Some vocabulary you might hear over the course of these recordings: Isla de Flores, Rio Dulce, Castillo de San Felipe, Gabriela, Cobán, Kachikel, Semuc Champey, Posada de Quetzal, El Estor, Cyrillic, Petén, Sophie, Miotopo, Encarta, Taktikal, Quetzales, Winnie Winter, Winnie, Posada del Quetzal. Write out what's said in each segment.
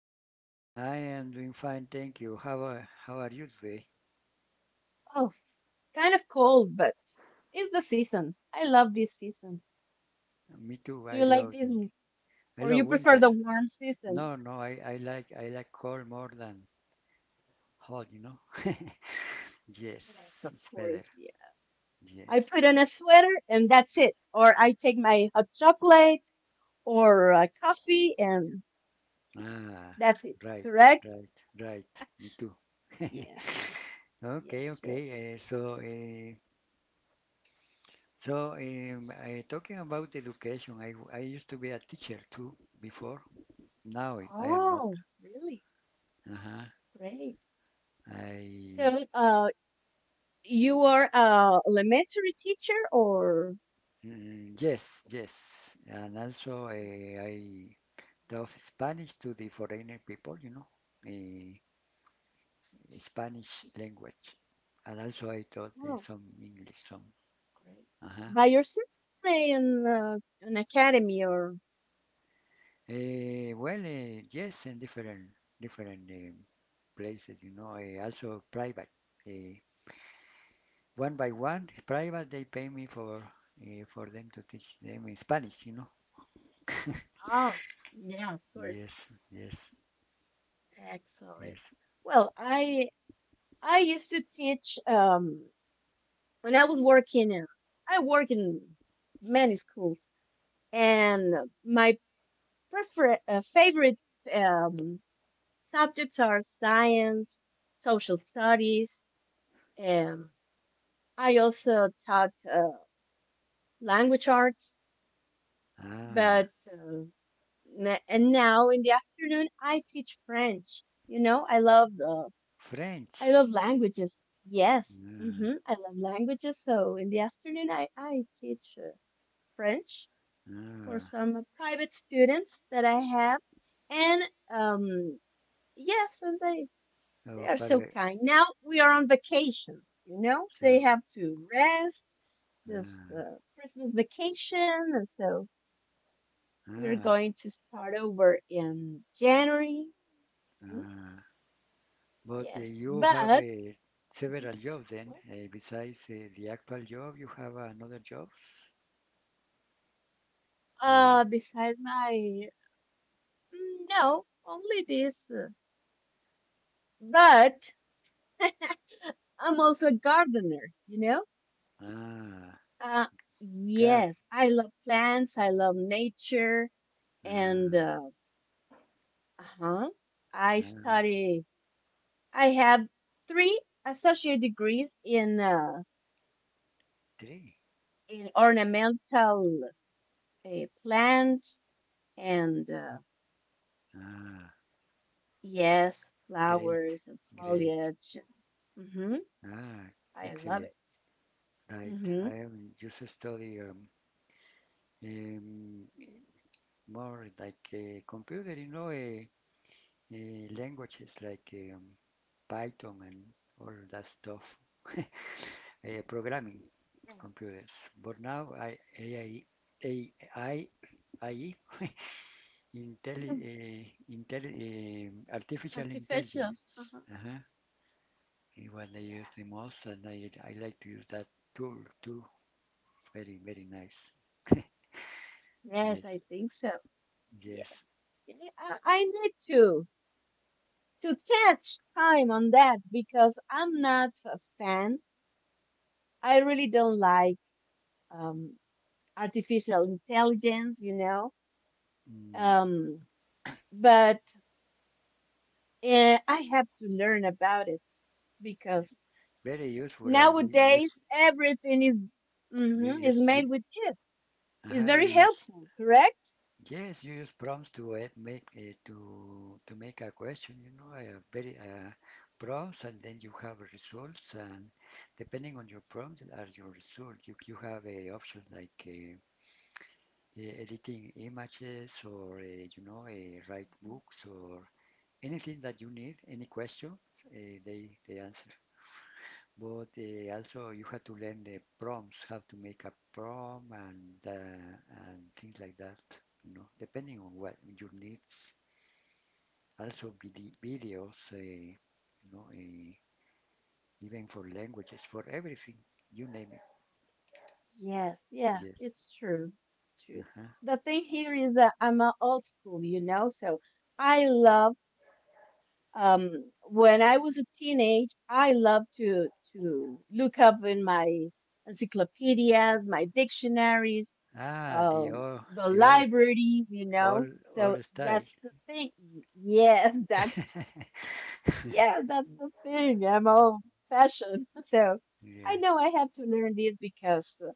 today? I am doing fine, thank you. How are you today? Oh, kind of cold, but it's the season. I love this season. Me too. Do I you like love this, or you winter. prefer the warm season? No, no, I like cold more than hot. Yes, Yes, of it's better. course. Yeah, I put Yes. on a sweater and that's it. Or I take my hot chocolate or a coffee and Ah, that's it. right, Correct? right, right. Me too. Yes, Okay, yes, yes. okay. So, talking about education, I used to be a teacher too before. Now I am not. Oh, really? Uh-huh. Great. I So, you are a elementary teacher or? Mm, yes, yes. And also, I taught Spanish to the foreigner people, eh, Spanish language. And also, I taught Mhm. some English, some. Great. Uh-huh. By yourself in an academy or? Well, yes, in different places, also private. Eh, One by one, private, they pay me for them to teach them in Spanish. Oh, yeah, of course. Yes, yes, Excellent. yes. Well, I used to teach when I was working in I work in many schools, and my prefer favorite um subjects are science, social studies. um I also taught language arts. Ah, But na- and now in the afternoon, I teach French. I French. love languages. Yes, Ah, I love languages. So in the afternoon, I teach French for ah. some private students that I have, and um, yes, and they Oh, are so Palais. kind. Now we are on vacation. So, They have to rest this Christmas vacation, and so we're ah, going to start over in January. Mm, ah. But yes, you but. have Mhm. several jobs then, What? Besides the actual job, you have another jobs? Or, Besides my no, only this. But I'm also a gardener, you know? ah, Uh, God, yes, I love plants, I love nature, and ah, uh-huh, I ah, study. I have three associate degrees in uh, three. in ornamental uh, plants and Ah, yes, great, flowers and great. foliage. hmm Ah, I love excellent. it. Right, Hmm. I am just study um, more like computer, languages like um, Python and all that stuff, programming, Yeah. computers. But now AI, AI, AI intelli- Mm. uh, intelli- artificial Artificial. intelligence, Uh-huh. uh-huh, is what I use Yeah. the most, and I like to use that tool too. Very, very nice. Yes, I Yes, think so. yes. Yes. Yeah, I need to catch time on that because I'm not a fan. I really don't like um, artificial intelligence. Mm. Um, but I have to learn about it because Very useful, and use, nowadays, everything is you mhm, is use, you, made with this. It's uh-huh, you very use helpful, correct? yes, you use prompts to make to make a question, you know, very prompts, and then you have results, and depending on your prompt are your results. You have a option like editing images, or write books, or anything that you need, any questions, uh, they answer. But also you have to learn the prompts, how to make a prompt, and things like that. You know, depending on what your needs. Also video, say, know, uh, even for languages, for everything, you name it. Yes, yeah, Yes. it's true. It's true. Uh-huh. The thing here is that I'm a old school, so I love when I was a teenage, I loved to look up in my encyclopedias, my dictionaries, Ah, the libraries, you all, know. all So style. that's the thing. Yes, that's Yeah, that's the thing. I'm all fashion. So Yeah. I know I have to learn this because uh,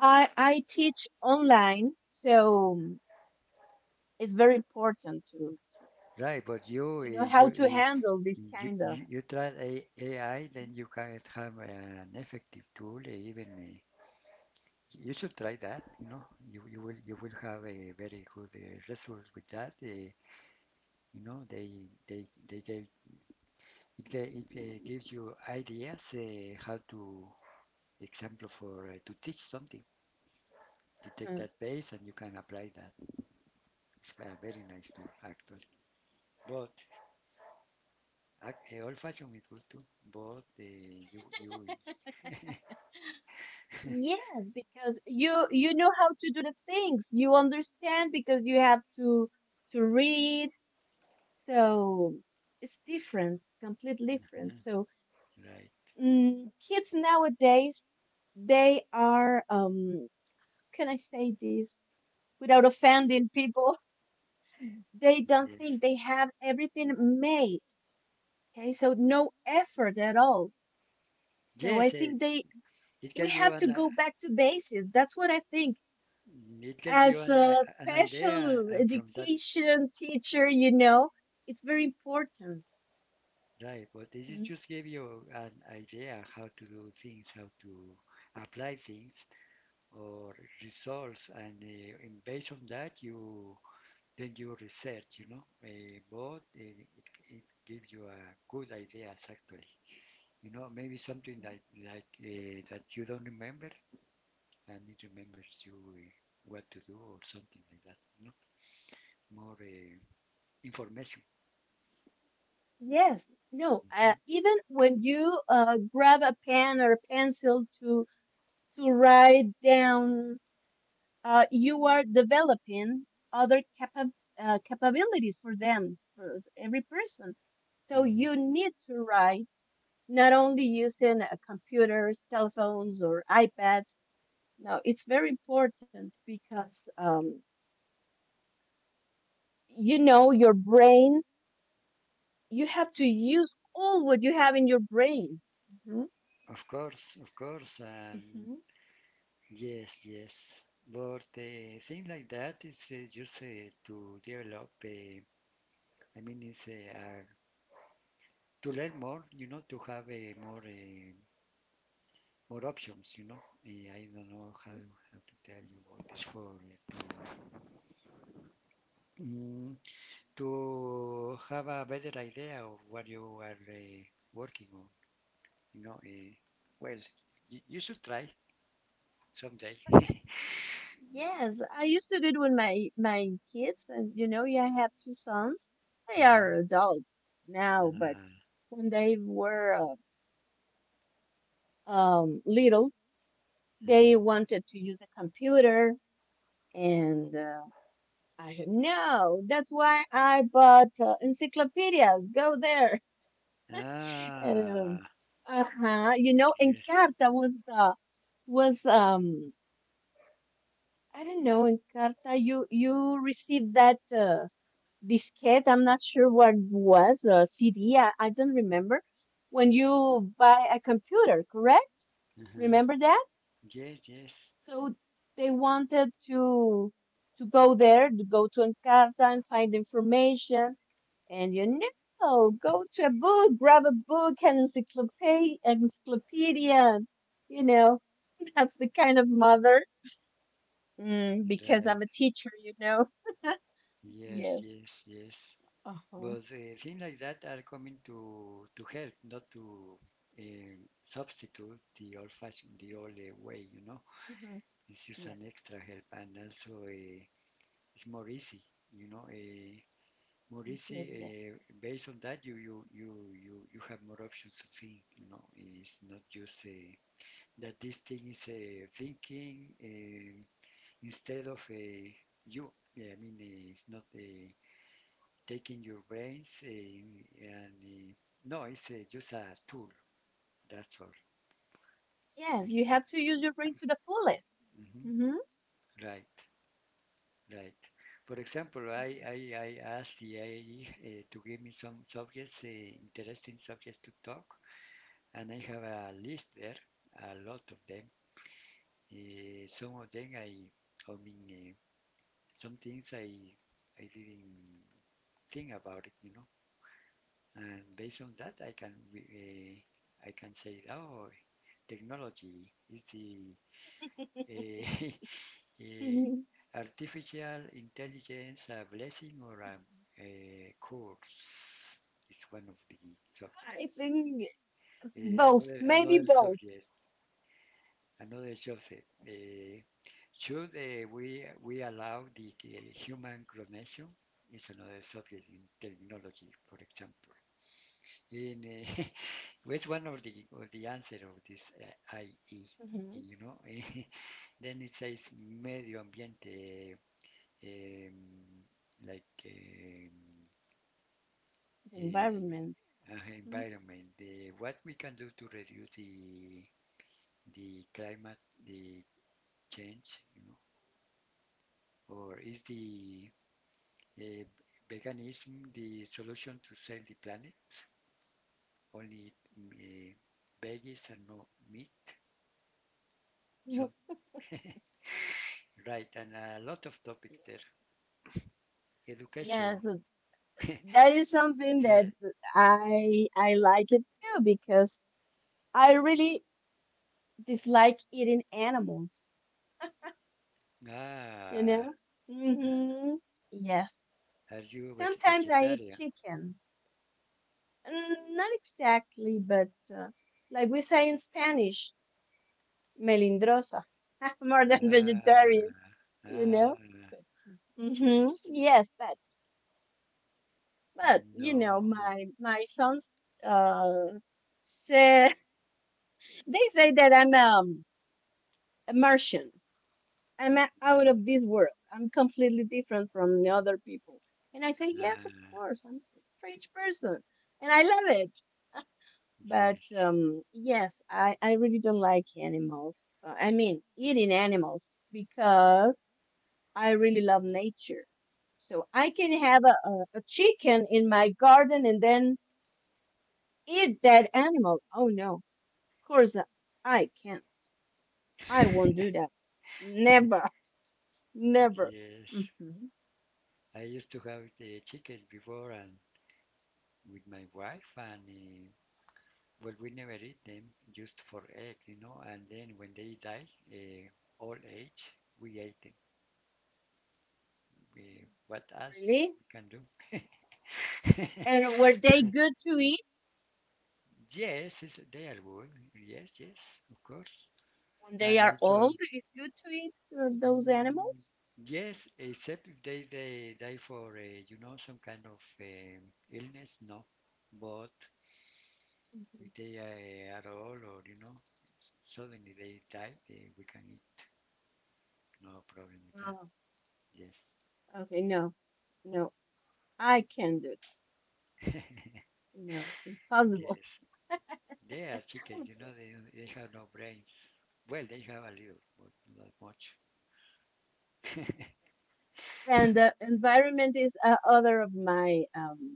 I I teach online, so it's very important to Right, but you, uh, to, to know you, how to uh, handle this you, kind of. you, you try AI, then you can have an effective tool, even. You should try that, you know. You will have a very good result with that. You know, they they gave It, it gives you ideas how to example for to teach something. You take Mm. that base and you can apply that. It's a very nice tool actually. But old fashioned is good too. But Yes, because you know how to do the things. You understand because you have to read. So it's different, completely different. mm, So right, kids nowadays, they are how can I say this without offending people? They don't yes, think, they have everything made. Okay, so no effort at all. So I yes, think they it we gives you have to an go back to basics. That's what I think it gives you as an I- a an idea special and from that, education teacher. It's very important. right. But this is Mm. just give you an idea how to do things, how to apply things or results, and in based on that, you research, both, it gives you a good ideas, actually, maybe something like that you don't remember, and it remembers you what to do or something like that, more information. Yes, no, Mhm, even when you grab a pen or a pencil to write down, you are developing other capabilities for them, for every person. So mhm. you need to write not only using computers, telephones, or iPads. No, it's very important because you know your brain, you have to use all what you have in your brain. Mhm, Of course, of course, and mhm, yes, yes, but things like that is just to develop, I mean, it's a to learn more, to have more more options. I don't know how, mhm. how to tell you what is for to to have a better idea of what you are working on, you know. Eh, well, you should try someday. Yes, I used to do it with my kids, and yeah, I have two sons. They are Uh-huh. adults now, but when they were little, Ah, uh-huh. they wanted to use a computer, and I said no. That's why I bought encyclopedias. Go there. Um, Ah, uh-huh. You know, yes, Encarta was I don't know, Encarta you received that diskette. I'm not sure what it was, a CD. I don't remember. When you buy a computer, correct? uh-huh. Remember that? Yes, yes, So they wanted to go there, to go to Encarta and find information. And go to a book, grab a book, an encyclopedia, encyclopedia. You know, that's the kind of mother. Because I'm right. a teacher. Yes, Yes. yes, yes. Uh huh. But things like that are coming to help, not to substitute the old-fashioned, the old way. You know, Hmm. it's just an Yes. extra help, and also it's more easy. You know, uh, more easy. Sincerity. Yes. Based on that, you have more options to think. You know, it's not just that this thing is thinking instead of you. Yeah, I mean, it's not. Taking your brains in, and no, it's just a tool. That's all. Yes. It's You a, have to use your brain to the fullest. mhm, Mm-hmm. right, right. For example, I Yes. I, I asked the AI to give me some subjects, interesting subjects to talk, and I have a list there, a lot of them. Some of them I mean, some things I didn't think about it. And based on that, I can, I can say, oh, technology is the uh, hmm artificial intelligence a blessing or a curse is one of the I subjects. think both. another Maybe another both. subject, another subject. Should we allow the human clonation? Is another subject in technology, for example. In what's one of the answer of this IE? Hmm. You know, then it says medio ambiente, um, like Environment. uh, environment. What we can do to reduce the climate, the change, or is the uh, veganism the solution to save the planet? Only veggies and no meat. Some Mhm. right, and a lot of topics Yes. there. Education, Yes. That is something that health. I like it too because I really dislike eating animals. You Ah, know. Hmm. Yes. are you Sometimes I eat vegetarian? chicken. Not exactly, but uh, like we say in Spanish, melindrosa, more than vegetarian. Ah, You know. ah, But yes. yes, but No, my sons uh said they say that I'm immersion. I'm out nah, of this world. I'm completely different from the other people. And I say, yes, of nah, course, I'm a strange person. And I love it. But yes, yes, I really don't like animals. I mean, eating animals because I really love nature. So I can have a chicken in my garden and then eat that animal. Oh no, of course I can't. I won't do that. Never. Never. yes. hmm I used to have the chickens before and with my wife, and well, we never eat them just for egg. And then when they die, uh, old age, we ate them. What else Really? we can do? And were they good to eat? Yes, they are good. Yes, yes, of course. When they And are old, also, is good to eat those mm, animals? yes, except if they die for, some kind of illness, no. But Mhm. if they are old or, suddenly they die, we can eat. No problem with that. Oh, Yes. okay. No, no, I can't do that. No, impossible. Yes. They are chickens, you know, they have no brains. Well, they have a little, but not much. And the environment is other of my.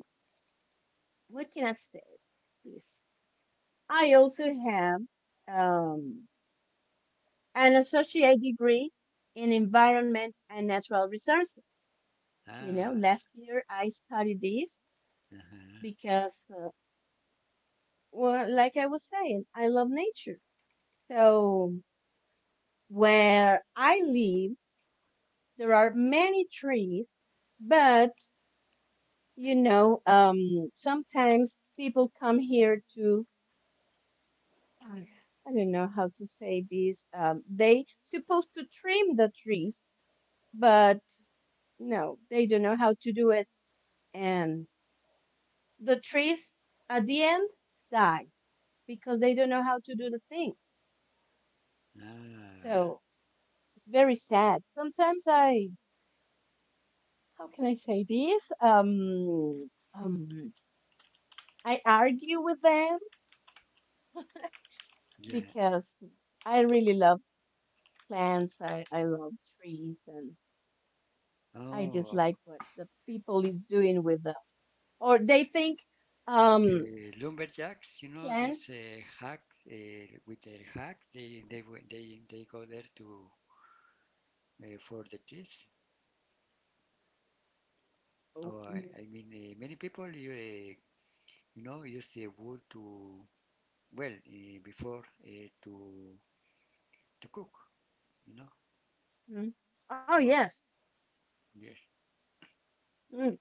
What can I say? This. I also have um an associate degree in environment and natural resources. You know, Ah, last year I studied this because, well, like I was saying, I love nature. So where I live, there are many trees, but sometimes people come here to, I don't know how to say this. They supposed to trim the trees, but no, they don't know how to do it, and the trees at the end die because they don't know how to do the things. ah, So it's very sad. Sometimes how can I say this? Um, I argue with them yeah. because I really love plants. I love trees and I Oh, dislike what the people is doing with them. Or they think, um, the lumberjacks, these plants. Hacks with their hacks, they w- they go there to for the trees. Oh, Or I mm, mean, many people use the wood to well, before uh, to to cook, you know. mm. Oh, Or yes. yes. Mm.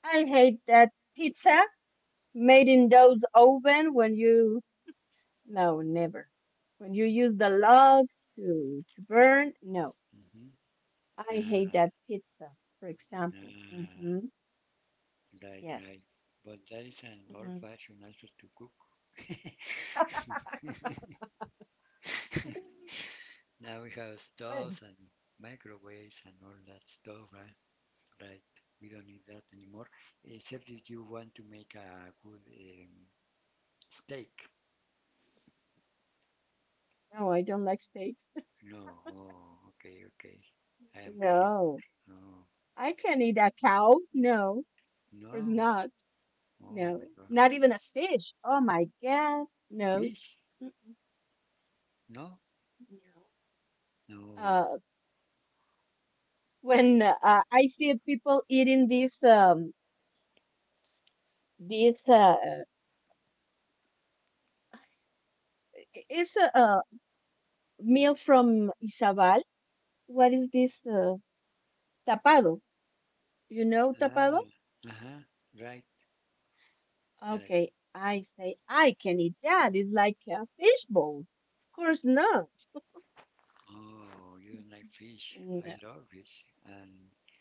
I hate that pizza made in those oven when you, no, never when you use the logs to burn. No, Hmm. I hate Ah, that pizza, for example. ah, Hmm. right, Yes. right. But that is an Hmm. old-fashioned answer to cook. Now we have But stoves and microwaves and all that stuff, right? Right. We don't need that anymore. Except if you want to make a good steak. no, I don't like steaks. No. Oh, okay, okay. I am No, carnivore. No. I can't eat a cow. No, of course No. not. Oh my No, God. not even a fish. Oh my God. No. Fish? Mm-mm. No. No. No. Uh, when I see people eating this, it's a meal from Izabal. What is this? Tapado. You know tapado? Ah. Uh-huh. Right. Right. Okay, I say I can eat that. It's like a fish bowl. Of course not. Oh, you don't like fish. I No, love fish and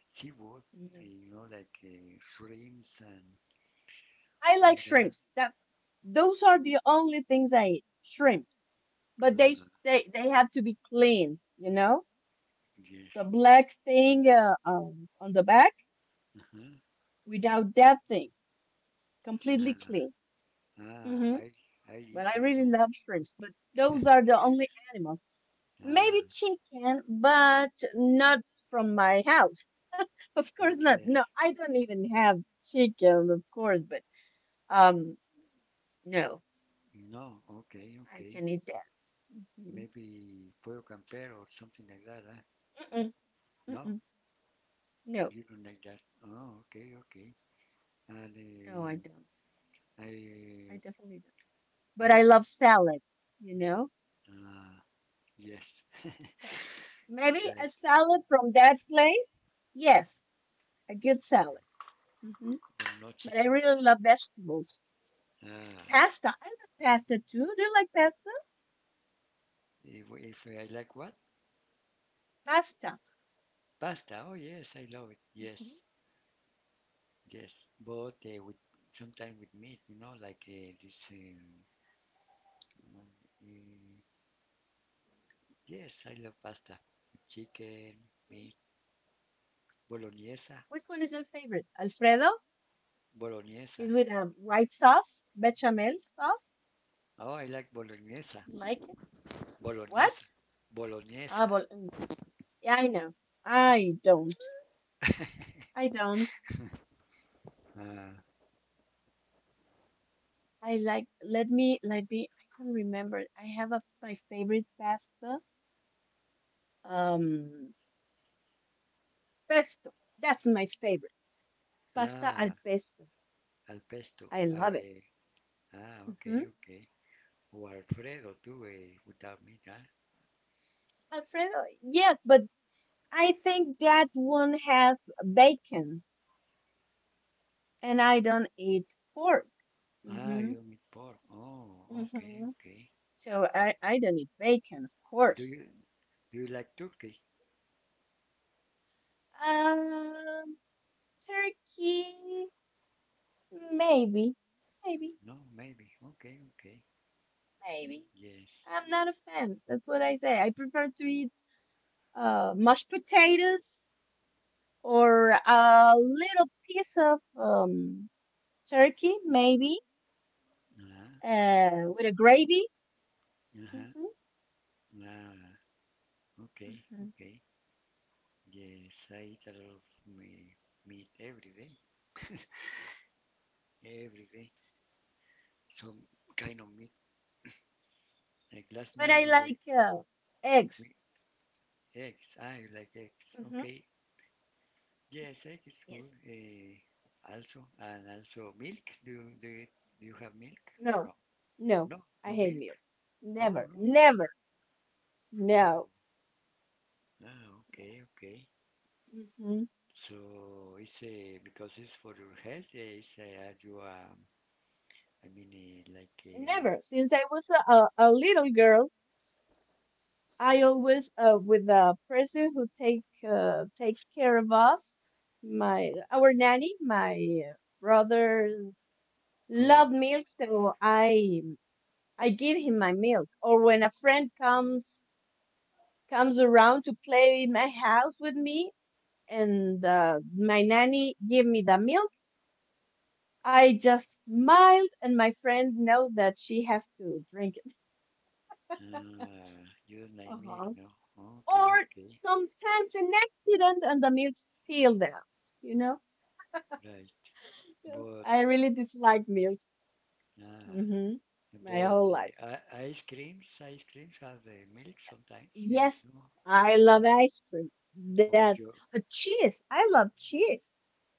seafood. No. You know, like shrimps and I all like that. shrimps. That those are the only things I eat. Shrimps, but they Ah, they they have to be clean. The yes. black thing on the back, Uh-huh. without that thing, completely Ah. clean. Ah. Hmm. I But eat I it. really No. love shrimps. But those are the only animals. Maybe Ah, chicken, but not from my house. Of course not. No, yes. I don't even have chicken, of course, but um, no, No, okay, I okay. can eat that. Mhm. Maybe Pueblo Camper or something like that, huh? Mm-mm, No, mm-mm. No, you don't like that. Oh, okay, okay. And no, I don't. I, I eh, definitely don't. But I no, love salads, you know? ah, yes, Salads. Maybe a right, salad from that place? Yes, a good salad. Hmm. but no But I chicken. really love vegetables. Ah, Pasta. I love pasta too. Do you like pasta? if I like what? Pasta. Pasta, oh yes, I love it. hmm Yes, yes, but with sometimes with meat, like this. Uh, yes, I love pasta, chicken, meat, bolognese. Which one is your favorite? Alfredo Boloñesa. is with white sauce, bechamel sauce. Oh, I like boloñesa. Like it? What? Boloñesa. Ah, Boloñesa. well, mm, yeah, I know. I don't. I don't. Ah, I like. Let me. Let me. I can not remember. I have my favorite pasta. Um, pesto. That's my favorite, pasta al ah, pesto. al pesto. I Ah, love it. Ah, ok, Hmm. ok. O Alfredo, tú, without meat, ah. Alfredo. Yes, but I think that one has bacon, and I don't eat pork. Ah, Mm-hmm. you don't eat pork. Oh, okay, Mm-hmm. okay. So I don't eat bacon, of Do you course. do you like turkey? Um, turkey, maybe, maybe, No, maybe. Okay, okay. maybe. Yes. I'm not a fan. That's what I say. I prefer to eat mashed potatoes or a little piece of turkey, maybe, Ah, with a gravy. uh-huh. Hmm. Ah, okay, Hmm. okay. Yes, I eat a lot of meat every day. Every day. Some kind of meat. Like last But night I we like eggs. we eggs. I like eggs. Hmm. Okay. Yes, egg is good. Yes. Also and also milk. Do you have milk? No. No, No. no, no I hate milk. milk. Oh Never. no. Never. Oh, No. ah, Yes. okay, okay. Hmm. So it's because it's for your health. It's are you I mean like Never. Since I was a little girl, I always with a person who takes care of us, my our nanny, my brother love oh milk, so I give him my milk. Or when a friend comes around to play in my house with me, and my nanny give me the milk, I just smiled, and my friend knows that she has to drink it. ah you don't like milk, Uh-huh. no? Okay, Or okay, sometimes an accident and the milk spilled out, you know? right. Yeah. But I really dislike milk. ah hmm My about whole the life. bought ice creams. Ice creams have milk sometimes, Yes, you know, I uh, love ice cream. or That's a cheese. I love cheese.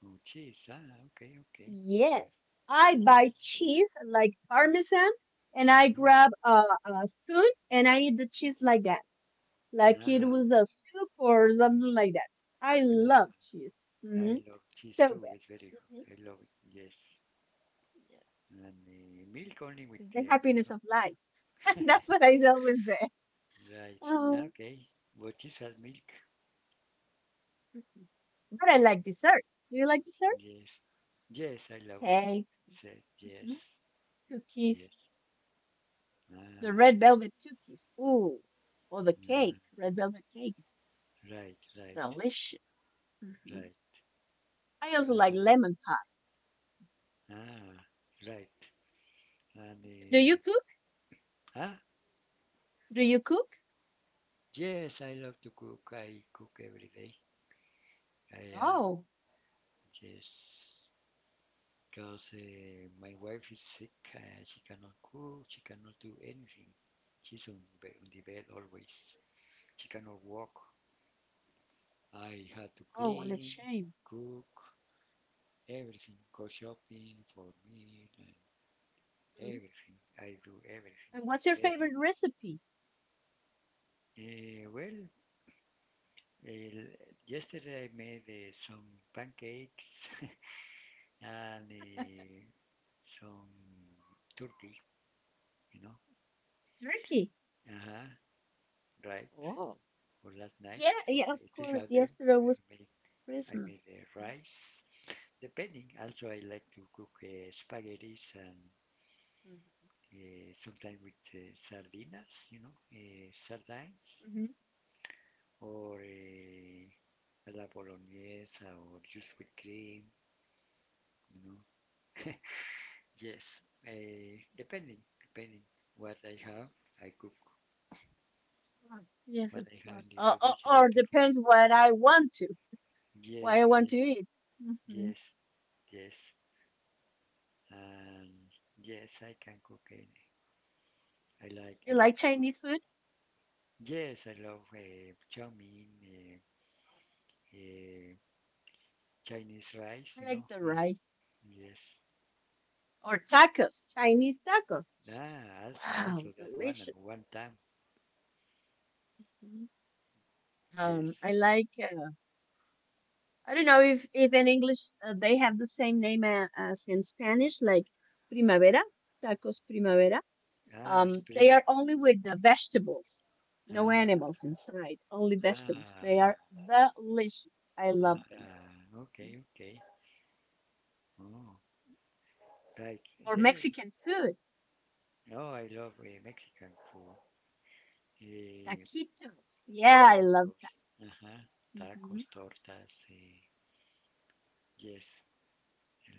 cheese. Ah, okay, okay. Yes. I buy Yes. cheese like Parmesan and I Hmm. grab a spoon and I eat the cheese like that, like it Ah, was a soup or something like that. I love ah, cheese. I hmm love cheese So too. bad. It's very Mhm. good. I love it. Yes. Yes. And milk only with Is the them. happiness of life. And that's what I always say. Right. Oh. Okay. But cheese has milk. Mhm. But I like desserts. Do you like desserts? Yes. Yes, I love it. Cakes, Said mhm, yes. cookies, Yes. the Ah, red velvet cookies. Ooh, or the cake, ah, red velvet cake is right, right, delicious. Hmm. right. I also like Ah, lemon pies. ah, right. And Do you cook? ah, Do you cook? yes, I love to cook. I cook every day. I um, Oh, yes, because my wife is sick. She cannot cook. She cannot do anything. She's on the bed always. She cannot walk. I had to oh, what a clean, shame. cook, everything. Go shopping for me and Mhm. everything. I do everything, And what's your every favorite recipe? day. Uh, yesterday I made some pancakes and some turkey, you know, Turkey. uh-huh, right, Oh, for last night. yeah, yeah, of I still have course. them. Yesterday was I made, I made Christmas. uh, rice. Depending, also I like to cook spaghettis and Mhm. Sometimes with sardinas, sardines, Mhm. or a la bolognese, or just with cream, you know. Yes, uh, depending what I have, I cook Ah, yes, what of I have course. in the Or refrigerator. depends what I want to, what Yes, I want to yes, eat. hmm yes. Yes. And yes, I can cook. Any. I like You I like like to cook. Chinese food? Yes, I love chow mein, uh, Chinese I rice. You like know. the rice Yes. or tacos, Chinese tacos. Ah, also Wow, also that one delicious. and one time. Mhm. Yes. I like. I don't know if in English they have the same name as in Spanish, like primavera tacos primavera. Ah, They spring. are only with the vegetables, no Ah, animals inside, only vegetables. They are ah, delicious. I love them. ah. Okay, okay. Oh, right. Or There. Mexican food, Oh, I love Mexican food. Eh, taquitos. Yeah, I love Tacos. tacos. Uh-huh. Hmm. Tacos, tortas. Yes.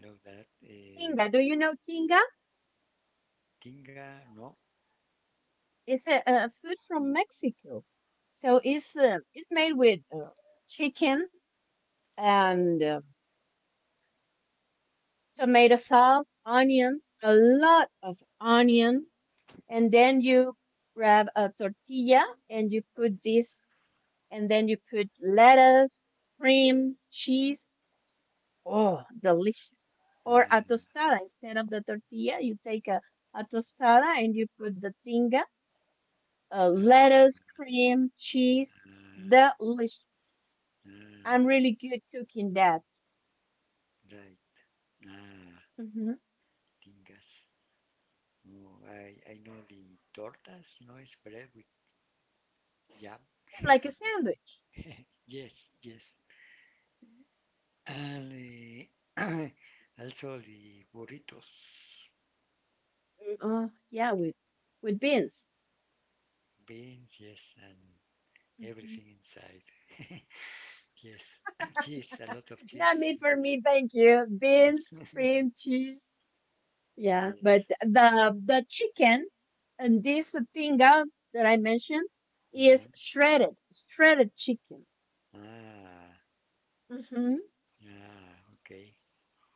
Below that, Tinga, do you know tinga? Tinga, no. It's a food from Mexico. So it's made with chicken and tomato sauce, onion, a lot of onion, and then you grab a tortilla and you put this, and then you put lettuce, cream, cheese. Oh, delicious. Or a Ah, tostada. Instead of the tortilla, you take a tostada and you put the tinga, ah, lettuce, cream, cheese. ah, Delicious. I'm ah, really good cooking that. right. Ah, Hmm. Tingas. Oh, I know the tortas, no, es bread with jam, Like a jamón. sandwich. Yes, yes. And eh, also the burritos, Mm. Oh, yeah, with beans. beans, yes, and Mhm. everything inside. Yes, cheese, a lot of Not cheese. meat for Yes, me, thank you. Beans, cream, cheese. Yeah, but yes. the chicken and this tinga that I mentioned is Uh-huh. shredded, shredded chicken. Ah, Hmm. ah, okay,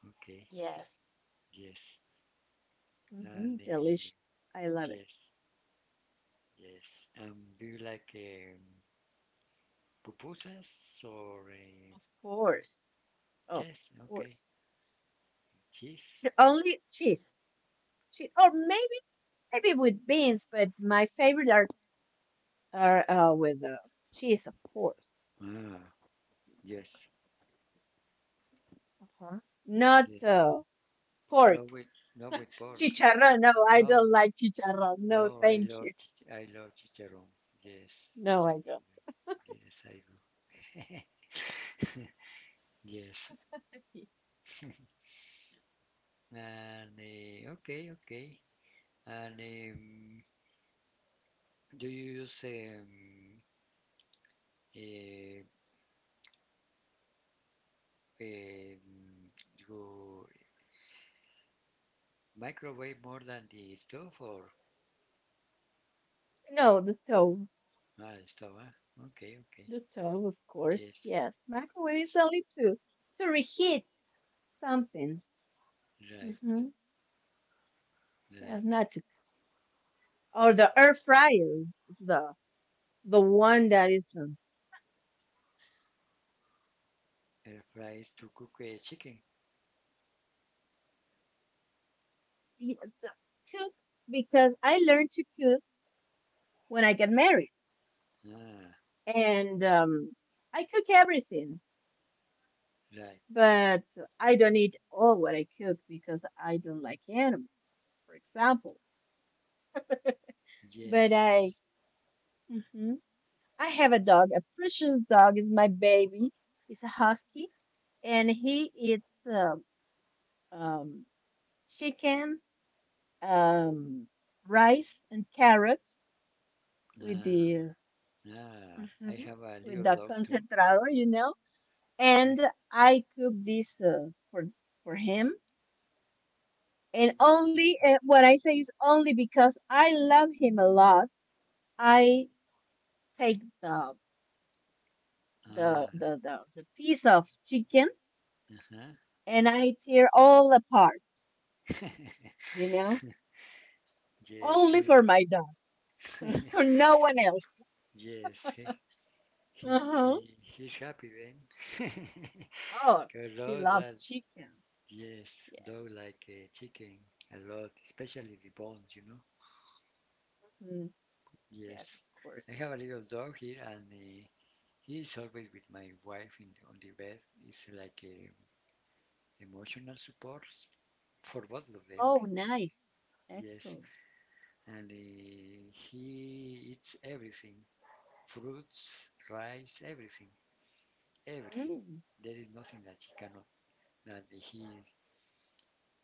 okay. Yes. Yes. Hmm. And Delicious. I love it. yes, yes. Do you like pupusas or Of course. Of yes? Okay, course. cheese. Only cheese. Cheese. Or maybe with beans, but my favorite are with cheese, of course. Ah, yes. Uh-huh. Not Yes. Pork. Not with not with pork. Chicharrón. No, I No, don't like chicharrón. No, no. I thank love you. chich- I love chicharrón. Yes, No, I I love don't. it. Yes, I do. Yes. And okay, okay. And do you use uh, um, your microwave more than the stove or No, the stove. Stove, huh? Okay, okay. The stove, of course. Yes, Yes. Microwave is only to reheat something. right, Mm-hmm. Yes, right. not to or the air fryer is the one that is Air fries to cook a chicken. the- the- cook because I learned to cook when I get married Ah, and I cook everything, right. but I don't eat all what I cook because I don't like animals, for example. But Yes, I yes. mhm. I have a dog. A precious dog is my baby. He's a husky, and he eats um, chicken, um, rice, and carrots with Ah, the ah. I mhm, have a with little the dog too. concentrado, you know. And eh, I cook this for him. And only what I say is only because I love him a lot. I take Ah, the piece of chicken uh-huh. and I tear all apart, you know, Yes, he only will. for my dog, for no one else. Yes, he, he, Uh-huh. he, he's happy then. Oh, Because he dog that, loves chicken. yes, Yes. dog like chicken a lot, especially the bones. Mhm. Yes, Yes. of course. I have a little dog here, and he is always with my wife in, on the bed. It's like a emotional support for both of them. Oh, nice. Yes, Excellent. and uh, he eats everything, fruits, rice, everything, everything. Mm. There is nothing that he cannot, that he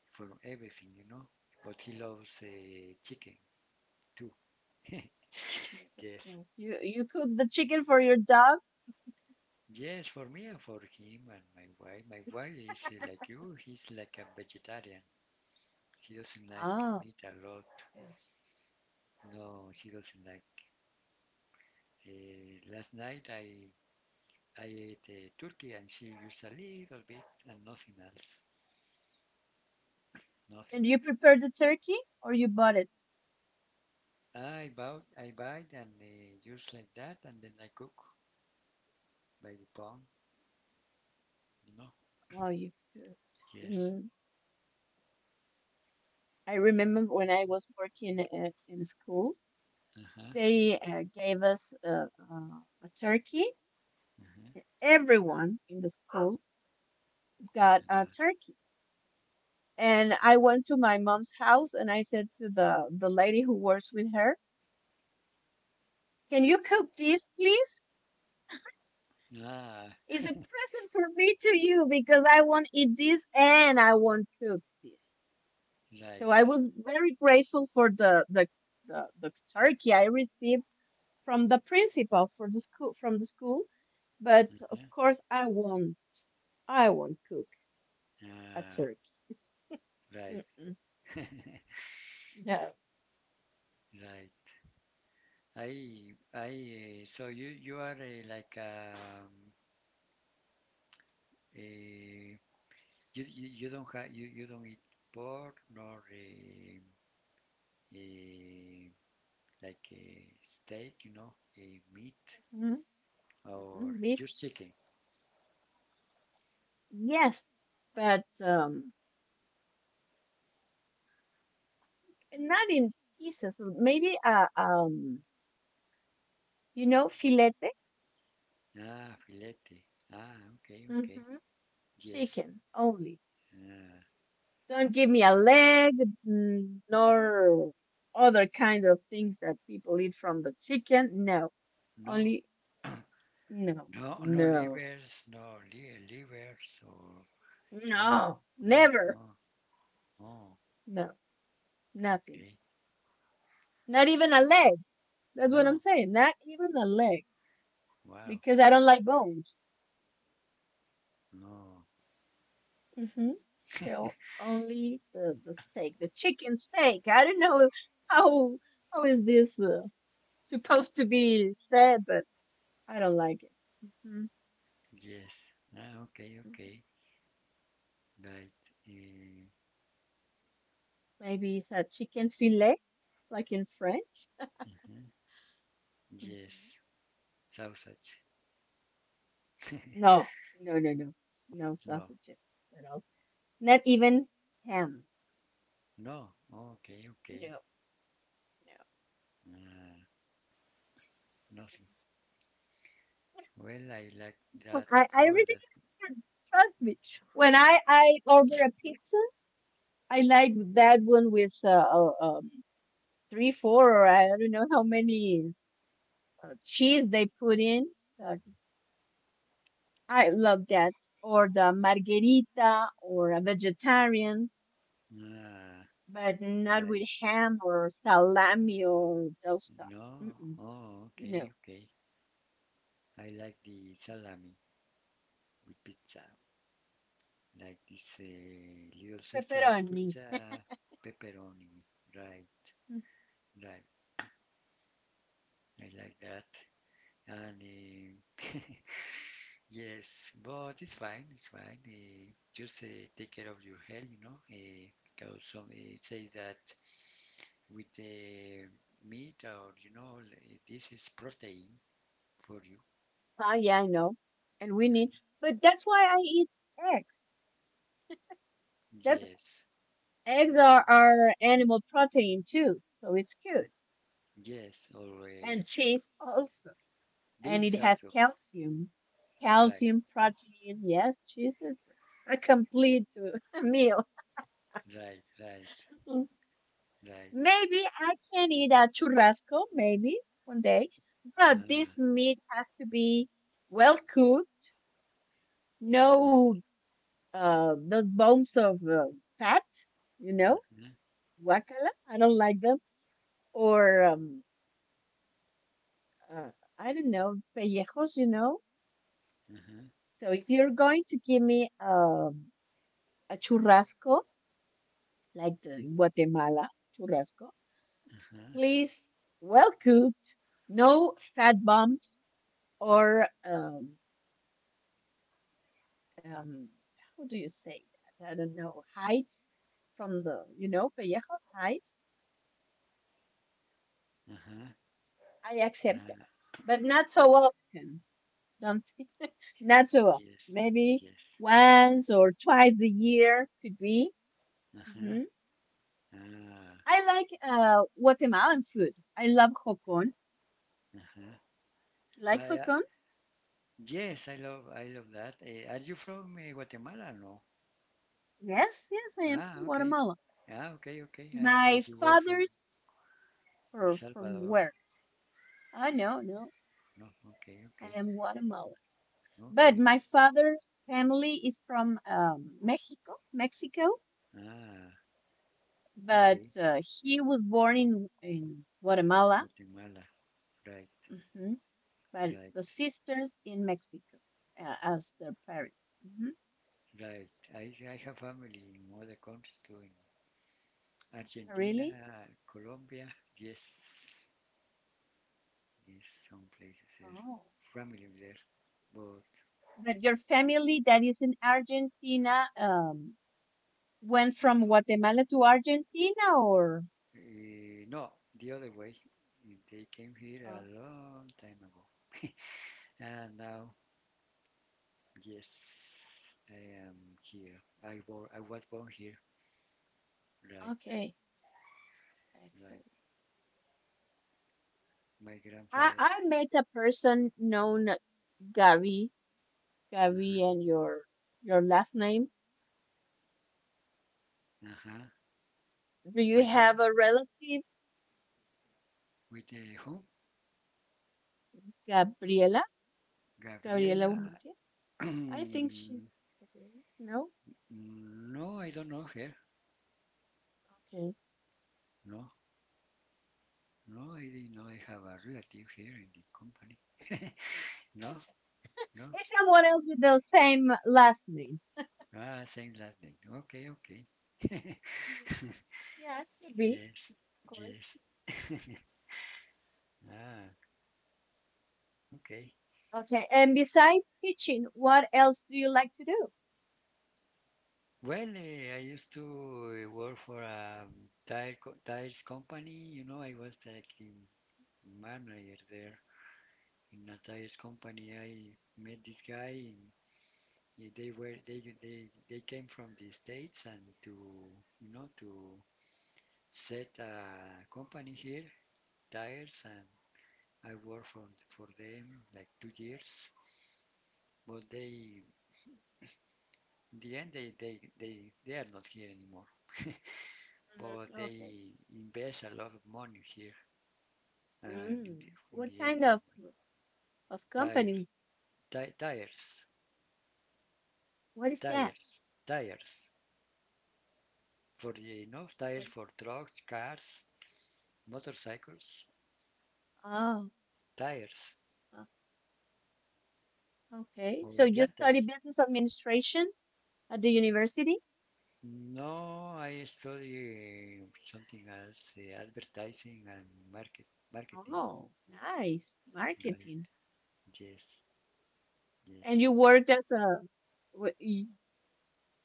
from everything. But he loves chicken too. Yes, of Yes, course. You cook the chicken for your dog? yes, for me and for him and my wife. My wife is like you. He's like a vegetarian. He doesn't like Oh, meat a lot. good. No, she doesn't like. Last night I ate turkey and she used a little bit and nothing else, nothing. And you prepared the turkey or you bought it? I bought, I buy and just like that and then I cook by the pound, you know. Oh, you cooked. Yes. Mm. I No. remember when I was working in school, Uh-huh. they gave us a turkey. Uh-huh. Everyone in the school got a turkey. And I went to my mom's house and I said to the lady who works with her, can you cook this, please? Ah, It's a present for me to you because I won't eat this and I won't cook this. right. So I was very grateful for the turkey I received from the principal for the school from the school. But of Huh? course I won't, cook a Ah, turkey. right. Mm-mm. No. Right. I so you are like uh, you don't have you, you don't eat pork nor uh, like a steak, a meat, Hmm. or just chicken. Yes, but not in pieces. Maybe you know, filete, Ah, filete. Ah, okay, okay. hmm Yes. chicken only. Ah, Don't give me a leg, mm, nor other kind of things that people eat from the chicken. No, no, only no, no, no no, livers, livers, or no, no, no, never, no. Oh, no, nothing. okay. Not even a leg. That's what I'm No. saying. Not even a leg Wow. because I don't like bones. No. Hmm. So only the steak, the chicken steak. I don't know how how is this supposed to be said, but I don't like it. Hmm. Yes. Ah, okay, okay. Right. Eh, Maybe it's a chicken fillet, like in French. huh? Hmm. Yes. Sausage. No, no, no, no, no No. sausages at all. Not even ham. No. Okay, okay. No, no. Ah, nothing. Well, I like that Look, all I that. really can't. Trust me. When I order a pizza, I like that one with three, four, or I don't know how many cheese they put in. Uh, I love that. Or the margherita, or a vegetarian, Ah, but not like, with ham or salami or those stuff. no. Mm-mm, Oh, okay, no, okay. I like the salami with pizza, like this Little Caesar's pepperoni. pizza, pepperoni. Right, right. I like that. And yes, but it's fine, it's fine, just take care of your health, you know, because some say that with the meat or, you know, like, this is protein for you. Ah, yeah, I know. And we need, but that's why I eat eggs. That's Yes, eggs are animal protein too, so it's good. yes, or And cheese also. And it beans has also. calcium, Right, calcium, protein. Yes, Jesus, a complete meal. right, right, right. Maybe I can eat a churrasco, maybe one day, but this Ah, meat has to be well cooked, no the bones of fat, you know, uh-huh, guacala, I don't like them, or uh, I don't know, pellejos, you know. uh-huh, So if you're going to give me a churrasco, like the Guatemala churrasco, uh-huh, please, well cooked, no fat bumps or um, how do you say that? I don't know, heights from the, you know, pellejos heights. uh-huh, I accept that, uh, but not so often. Don't not so often. yes, Maybe yes. once or twice a year could be. Uh-huh, Hmm. ah, uh-huh. I like Guatemalan food. I love hocon. You I, like uh, hocon? I love that. Are you from Guatemala? No. Yes, yes, I am from Ah, okay. Guatemala. Ah, okay, okay. I My thought you were from father's El for from Salvador. where? Oh no, no, No, okay, I okay, am Guatemala. But okay. my father's family is from Mexico, Mexico. Ah, But okay. He was born in Guatemala. Guatemala. Right, Hmm. But right, the sisters in Mexico as their parents. Hmm. right. I have family in other countries too, in Argentina, Really? Colombia, yes, yes, some places there, Oh. familiar there, but But your family that is in Argentina went from Guatemala to Argentina, or? No, the other way. They came here Oh, a long time ago, and now, yes, I am here. I was born here, right, okay, right. excellent. My grandfather, I met a person known Gary, uh-huh, Gary, and your last name. uh-huh, Do my you dad, have a relative, with whom? Gabriela? Gabriela Gabriela. Urrutia? I think she's Gabriela. No? No, I don't know her. Okay. No, no, I didn't know I have a relative here in the company. No, It's, no. it's someone else with the same last name. Ah, same last name. Okay, okay. Mm, yeah, it could be, Yes, of course. yes. Ah, okay. Okay. And besides teaching, what else do you like to do? Well, I used to work for a tires company. You know, I was like the manager there in a tires company. I met this guy. And they were they came from the States and, to you know, to set a company here, tires, and I worked for them like 2 years. But they, in the end, they are not here anymore. Mm, But okay. they invest a lot of money here and Mm. In What the end kind they of tires, company? ti- tires, What is that? tires, tires for the, you know, tires But, for trucks, cars, motorcycles, oh, tires, okay, so or you study llantas. business administration at the university? No, I study something else, advertising and market, marketing. Oh, nice. Right. Marketing. Yes, And yes. you worked as a w- y-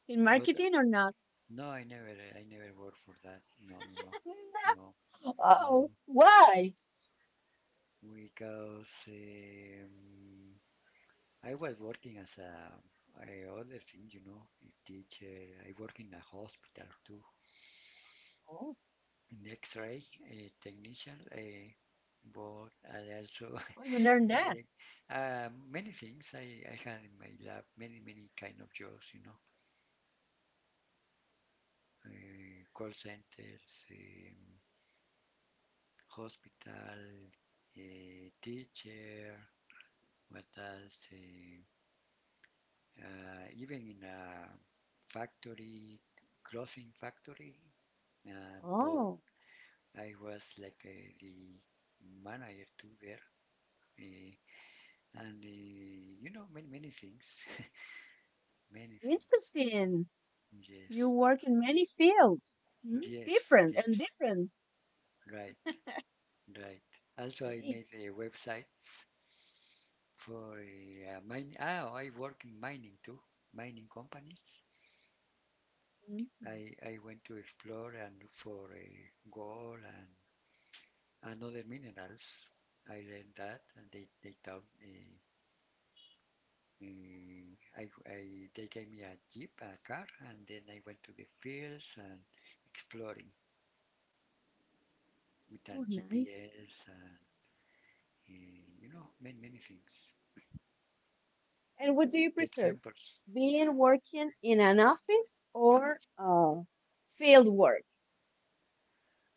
in But uh, marketing or not? no, I never, I never work for that. No, no, no, no, no. Oh, why? Because I was working as a, I other thing, you know, a teacher. I work in a hospital too, Oh, an X-ray a technician. But I also oh, you learned but, that. Many things I had in my lab, many, many kind of jobs, you know, call centers, hospital a teacher, what else? Even in a factory, clothing factory. But Oh, I was like the manager too there. Uh, and you know, many many things, many things. interesting. You Yes, work in many fields, mm, yes, different and yes. different. Right, right. Also, I Great. made websites for mining. Ah, I work in mining too, mining companies. Mhm. I went to explore and look for a gold and other minerals. I learned that and they taught me. mm, I, I, they gave me a jeep, a car, and then I went to the fields and exploring with a Oh, nice. GPS and, you know, many, many things. And what do you Take prefer? samples. Being working in an office or field work?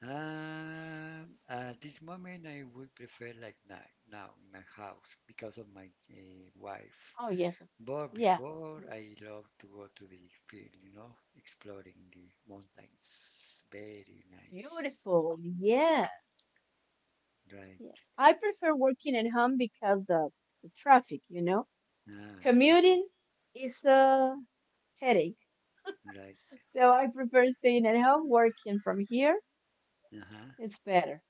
At this moment, I would prefer like now, now in my house because of my wife. Oh, yes. Of- But yeah, of before, course. I love to go to the field, you know, exploring the mountains. Very nice. Beautiful. Yes. Right. Right. Yes. I prefer working at home because of the traffic, you know? Ah, okay. Commuting is a headache. Right. So I prefer staying at home, working from here. Uh-huh. It's better,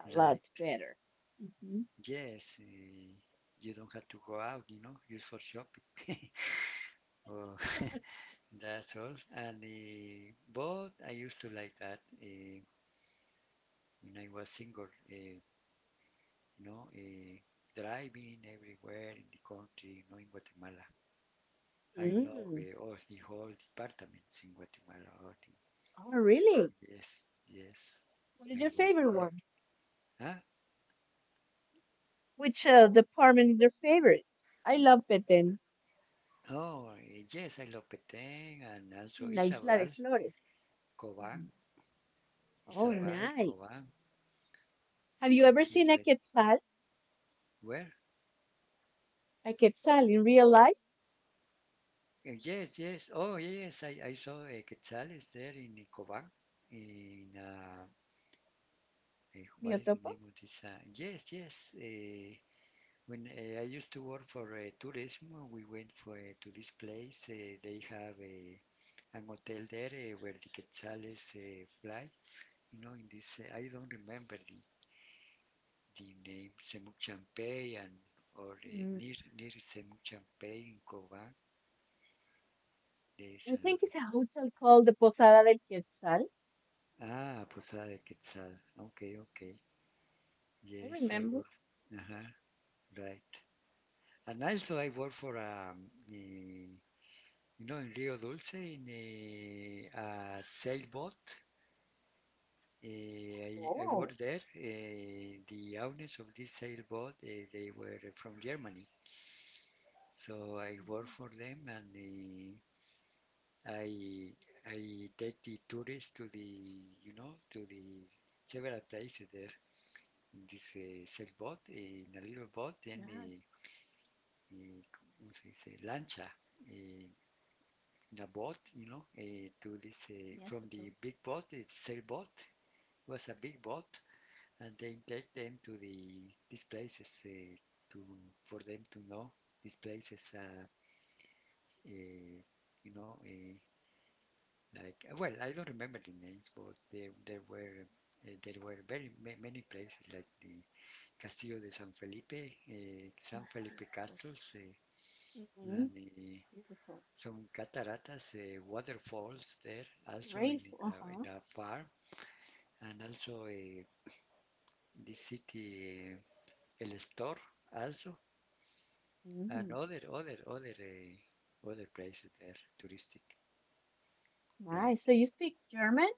a Right. lot better. Mhm. Yes. You don't have to go out, you know, just for shopping. Oh, that's all. And but I used to like that when I was single, you know, driving everywhere in the country, you know, in Guatemala. I know Mm. the, oh, the whole departments in Guatemala. Oh, the- Oh, really? yes, yes. What is I your went favorite there. one? Huh? Which department is your favorite? I love Petén, Oh, yes, I Lopeteng and also la Isla de Isabel, Flores. Cobán, Mhm. Oh, Isabel, nice. Cobán. Have you ever Cobán seen is very. Where? a quetzal in real life, Yes, yes. Oh, yes, I saw Quetzales there in Cobán. In, what is the Miotopo? name of this? Yes, yes. When I used to work for tourism, we went for to this place. They have a an hotel there where the quetzales fly. You know, in this, I don't remember the name, Semuc Champey and or Mm. Near Semuc Champey in Cobán. There is I a think it's a hotel called the Posada del Quetzal. ah Posada de Quetzal. Okay, okay. I Yes, I remember. work. Uh-huh, right. And also I work for you know, in Rio Dulce in a sailboat. Eh, I Oh, worked there. The owners of this sailboat, they were from Germany, so I mhm, worked for them, and I I take the tourists to the, you know, to the several places there in this sailboat, in a little boat, then nice. ¿Cómo se lancha. eh, in a boat, you know, to this Yes, it from was. the big boat, the sailboat. It was a big boat, and then take them to the these places to for them to know these places are uh, you know, like well I don't remember the names but there were very many places like the Castillo de San Felipe, Oh, San Felipe beautiful. castles, uh, Hmm. and uh, Beautiful. some cataratas, waterfalls there also Rainfall. Uh-huh. in a farm, and also the city El Estor, also and Hmm. Other places there, touristic, right? Nice. So you speak German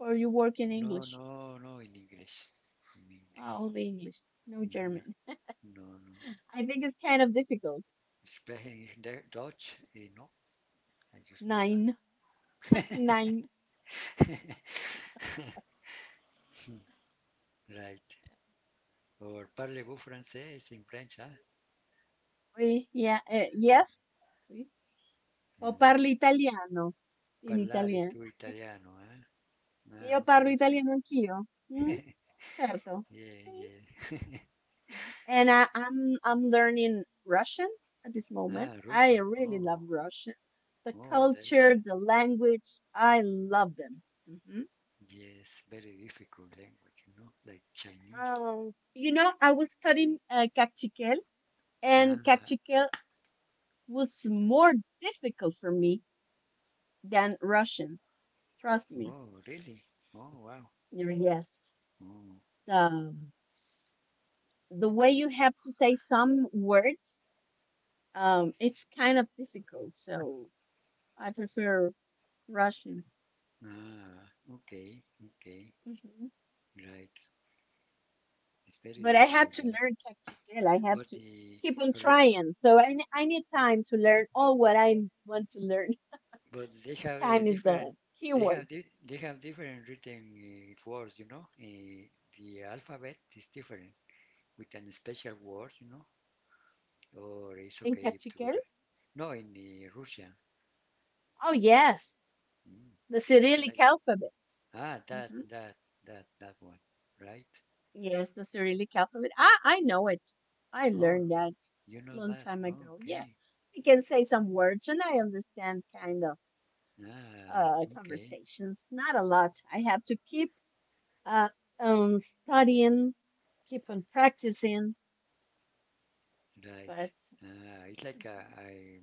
or you work in No, English? no, no, in English, in Oh, English. only English. No Uh-huh. German. No, no. I think it's kind of difficult. Speaking Dutch, no, I just know Nine, nine. that. Right. Or parlez-vous français? In French, huh? Oui, yeah, eh, yes. Oui. O Uh, parlo italiano in Parlare Italian. tu italiano, huh? Io Ah, parlo okay. italiano anch'io. Mm, certo. Yeah, Sì. yeah. And I'm learning Russian at this Ah, moment. I Russian. really love Oh, Russian. The oh, that is culture, a, the language, I love them. Hmm. yes, very difficult language, you know, like Chinese. You know, I was studying Kachikel, and Ah, Kachikel was more difficult for me than Russian. Trust me. oh, really? Oh, wow. Yes. Oh, Um, the way you have to say some words, it's kind of difficult. So I prefer Russian. ah, okay, okay, Hmm. right. It's very But I have difficult to that. learn Taktikal. I have But to the, keep on re- trying. So I need time to learn all what I want to learn. but they have a Time is different, the they have keyword di they have different written words, you know. The alphabet is different with an special word, you know. Or it's in okay to Taktikal. write. No, in Russia, Oh, yes. mm, The it's Cyrillic right. alphabet. Ah, that, Hmm. that, that, that one, right? Yes, the Cyrillic alphabet. I know it. I Oh, learned that you know long that. time Oh, ago. Yeah, okay. I can say some words and I understand kind of Ah, okay, conversations. Not a lot. I have to keep uh, on studying, keep on practicing. right. But Ah, it's like mhm, a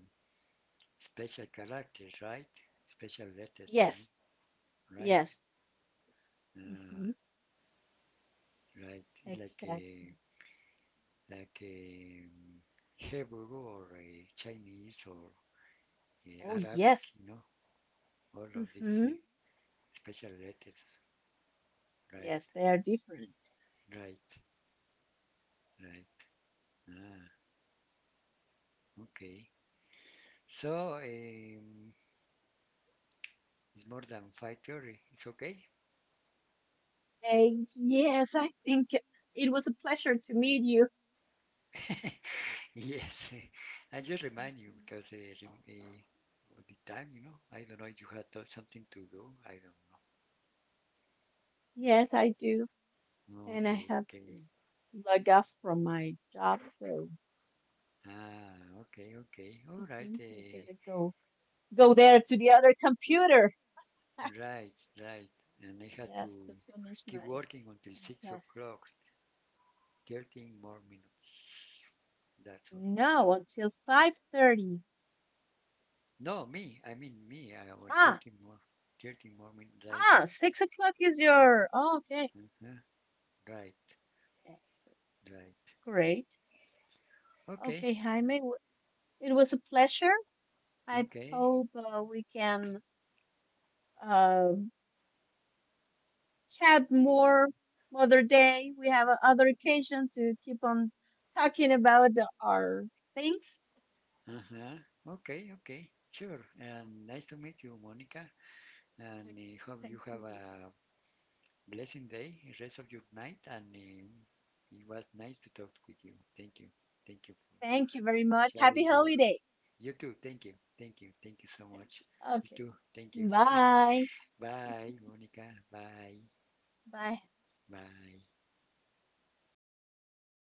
special characters, right? Special letters, you yes, know, right? yes, Uh, hmm right, like exactly. a, like a Hebrew or a Chinese or Oh a Arabic, yes, you know, all of these hmm special letters, right? yes, they are different. Right, right. Ah, okay. So it's more than 5:30. It's okay. And yes, I think it was a pleasure to meet you. Yes, I just remind you Mhm. because of the time, you know, I don't know if you had something to do. I don't know. Yes, I do, and I Okay, have okay. to log off from my job, so. Ah, okay, okay. All Hmm. right, I gotta go there to the other computer. right, right. And I had to Yes, to finish keep my working until six test. o'clock, 13 more minutes. That's all. No, until 5:30. No, me, I mean me, I or Ah, 13 13 more minutes daily. ah, 6 o'clock is Yeah, your. Oh, okay, uh-huh. Right, excellent, right. great. Okay, Okay, Jaime, it was a pleasure. I okay. hope we can uh, chat more other day. We have a other occasion to keep on talking about our things. Uh-huh. Okay, okay. Sure. And nice to meet you, Monica. Okay, And I hope same you to have you. a blessing day, rest of your night, and it was nice to talk with you. Thank you. Thank you for Thank you very much. Happy sharing your. holidays. You too. Thank you. Thank you. Thank you so Thank much. you. You Okay. too. Thank you. Bye. Bye, Monica. Bye. Bye. Bye.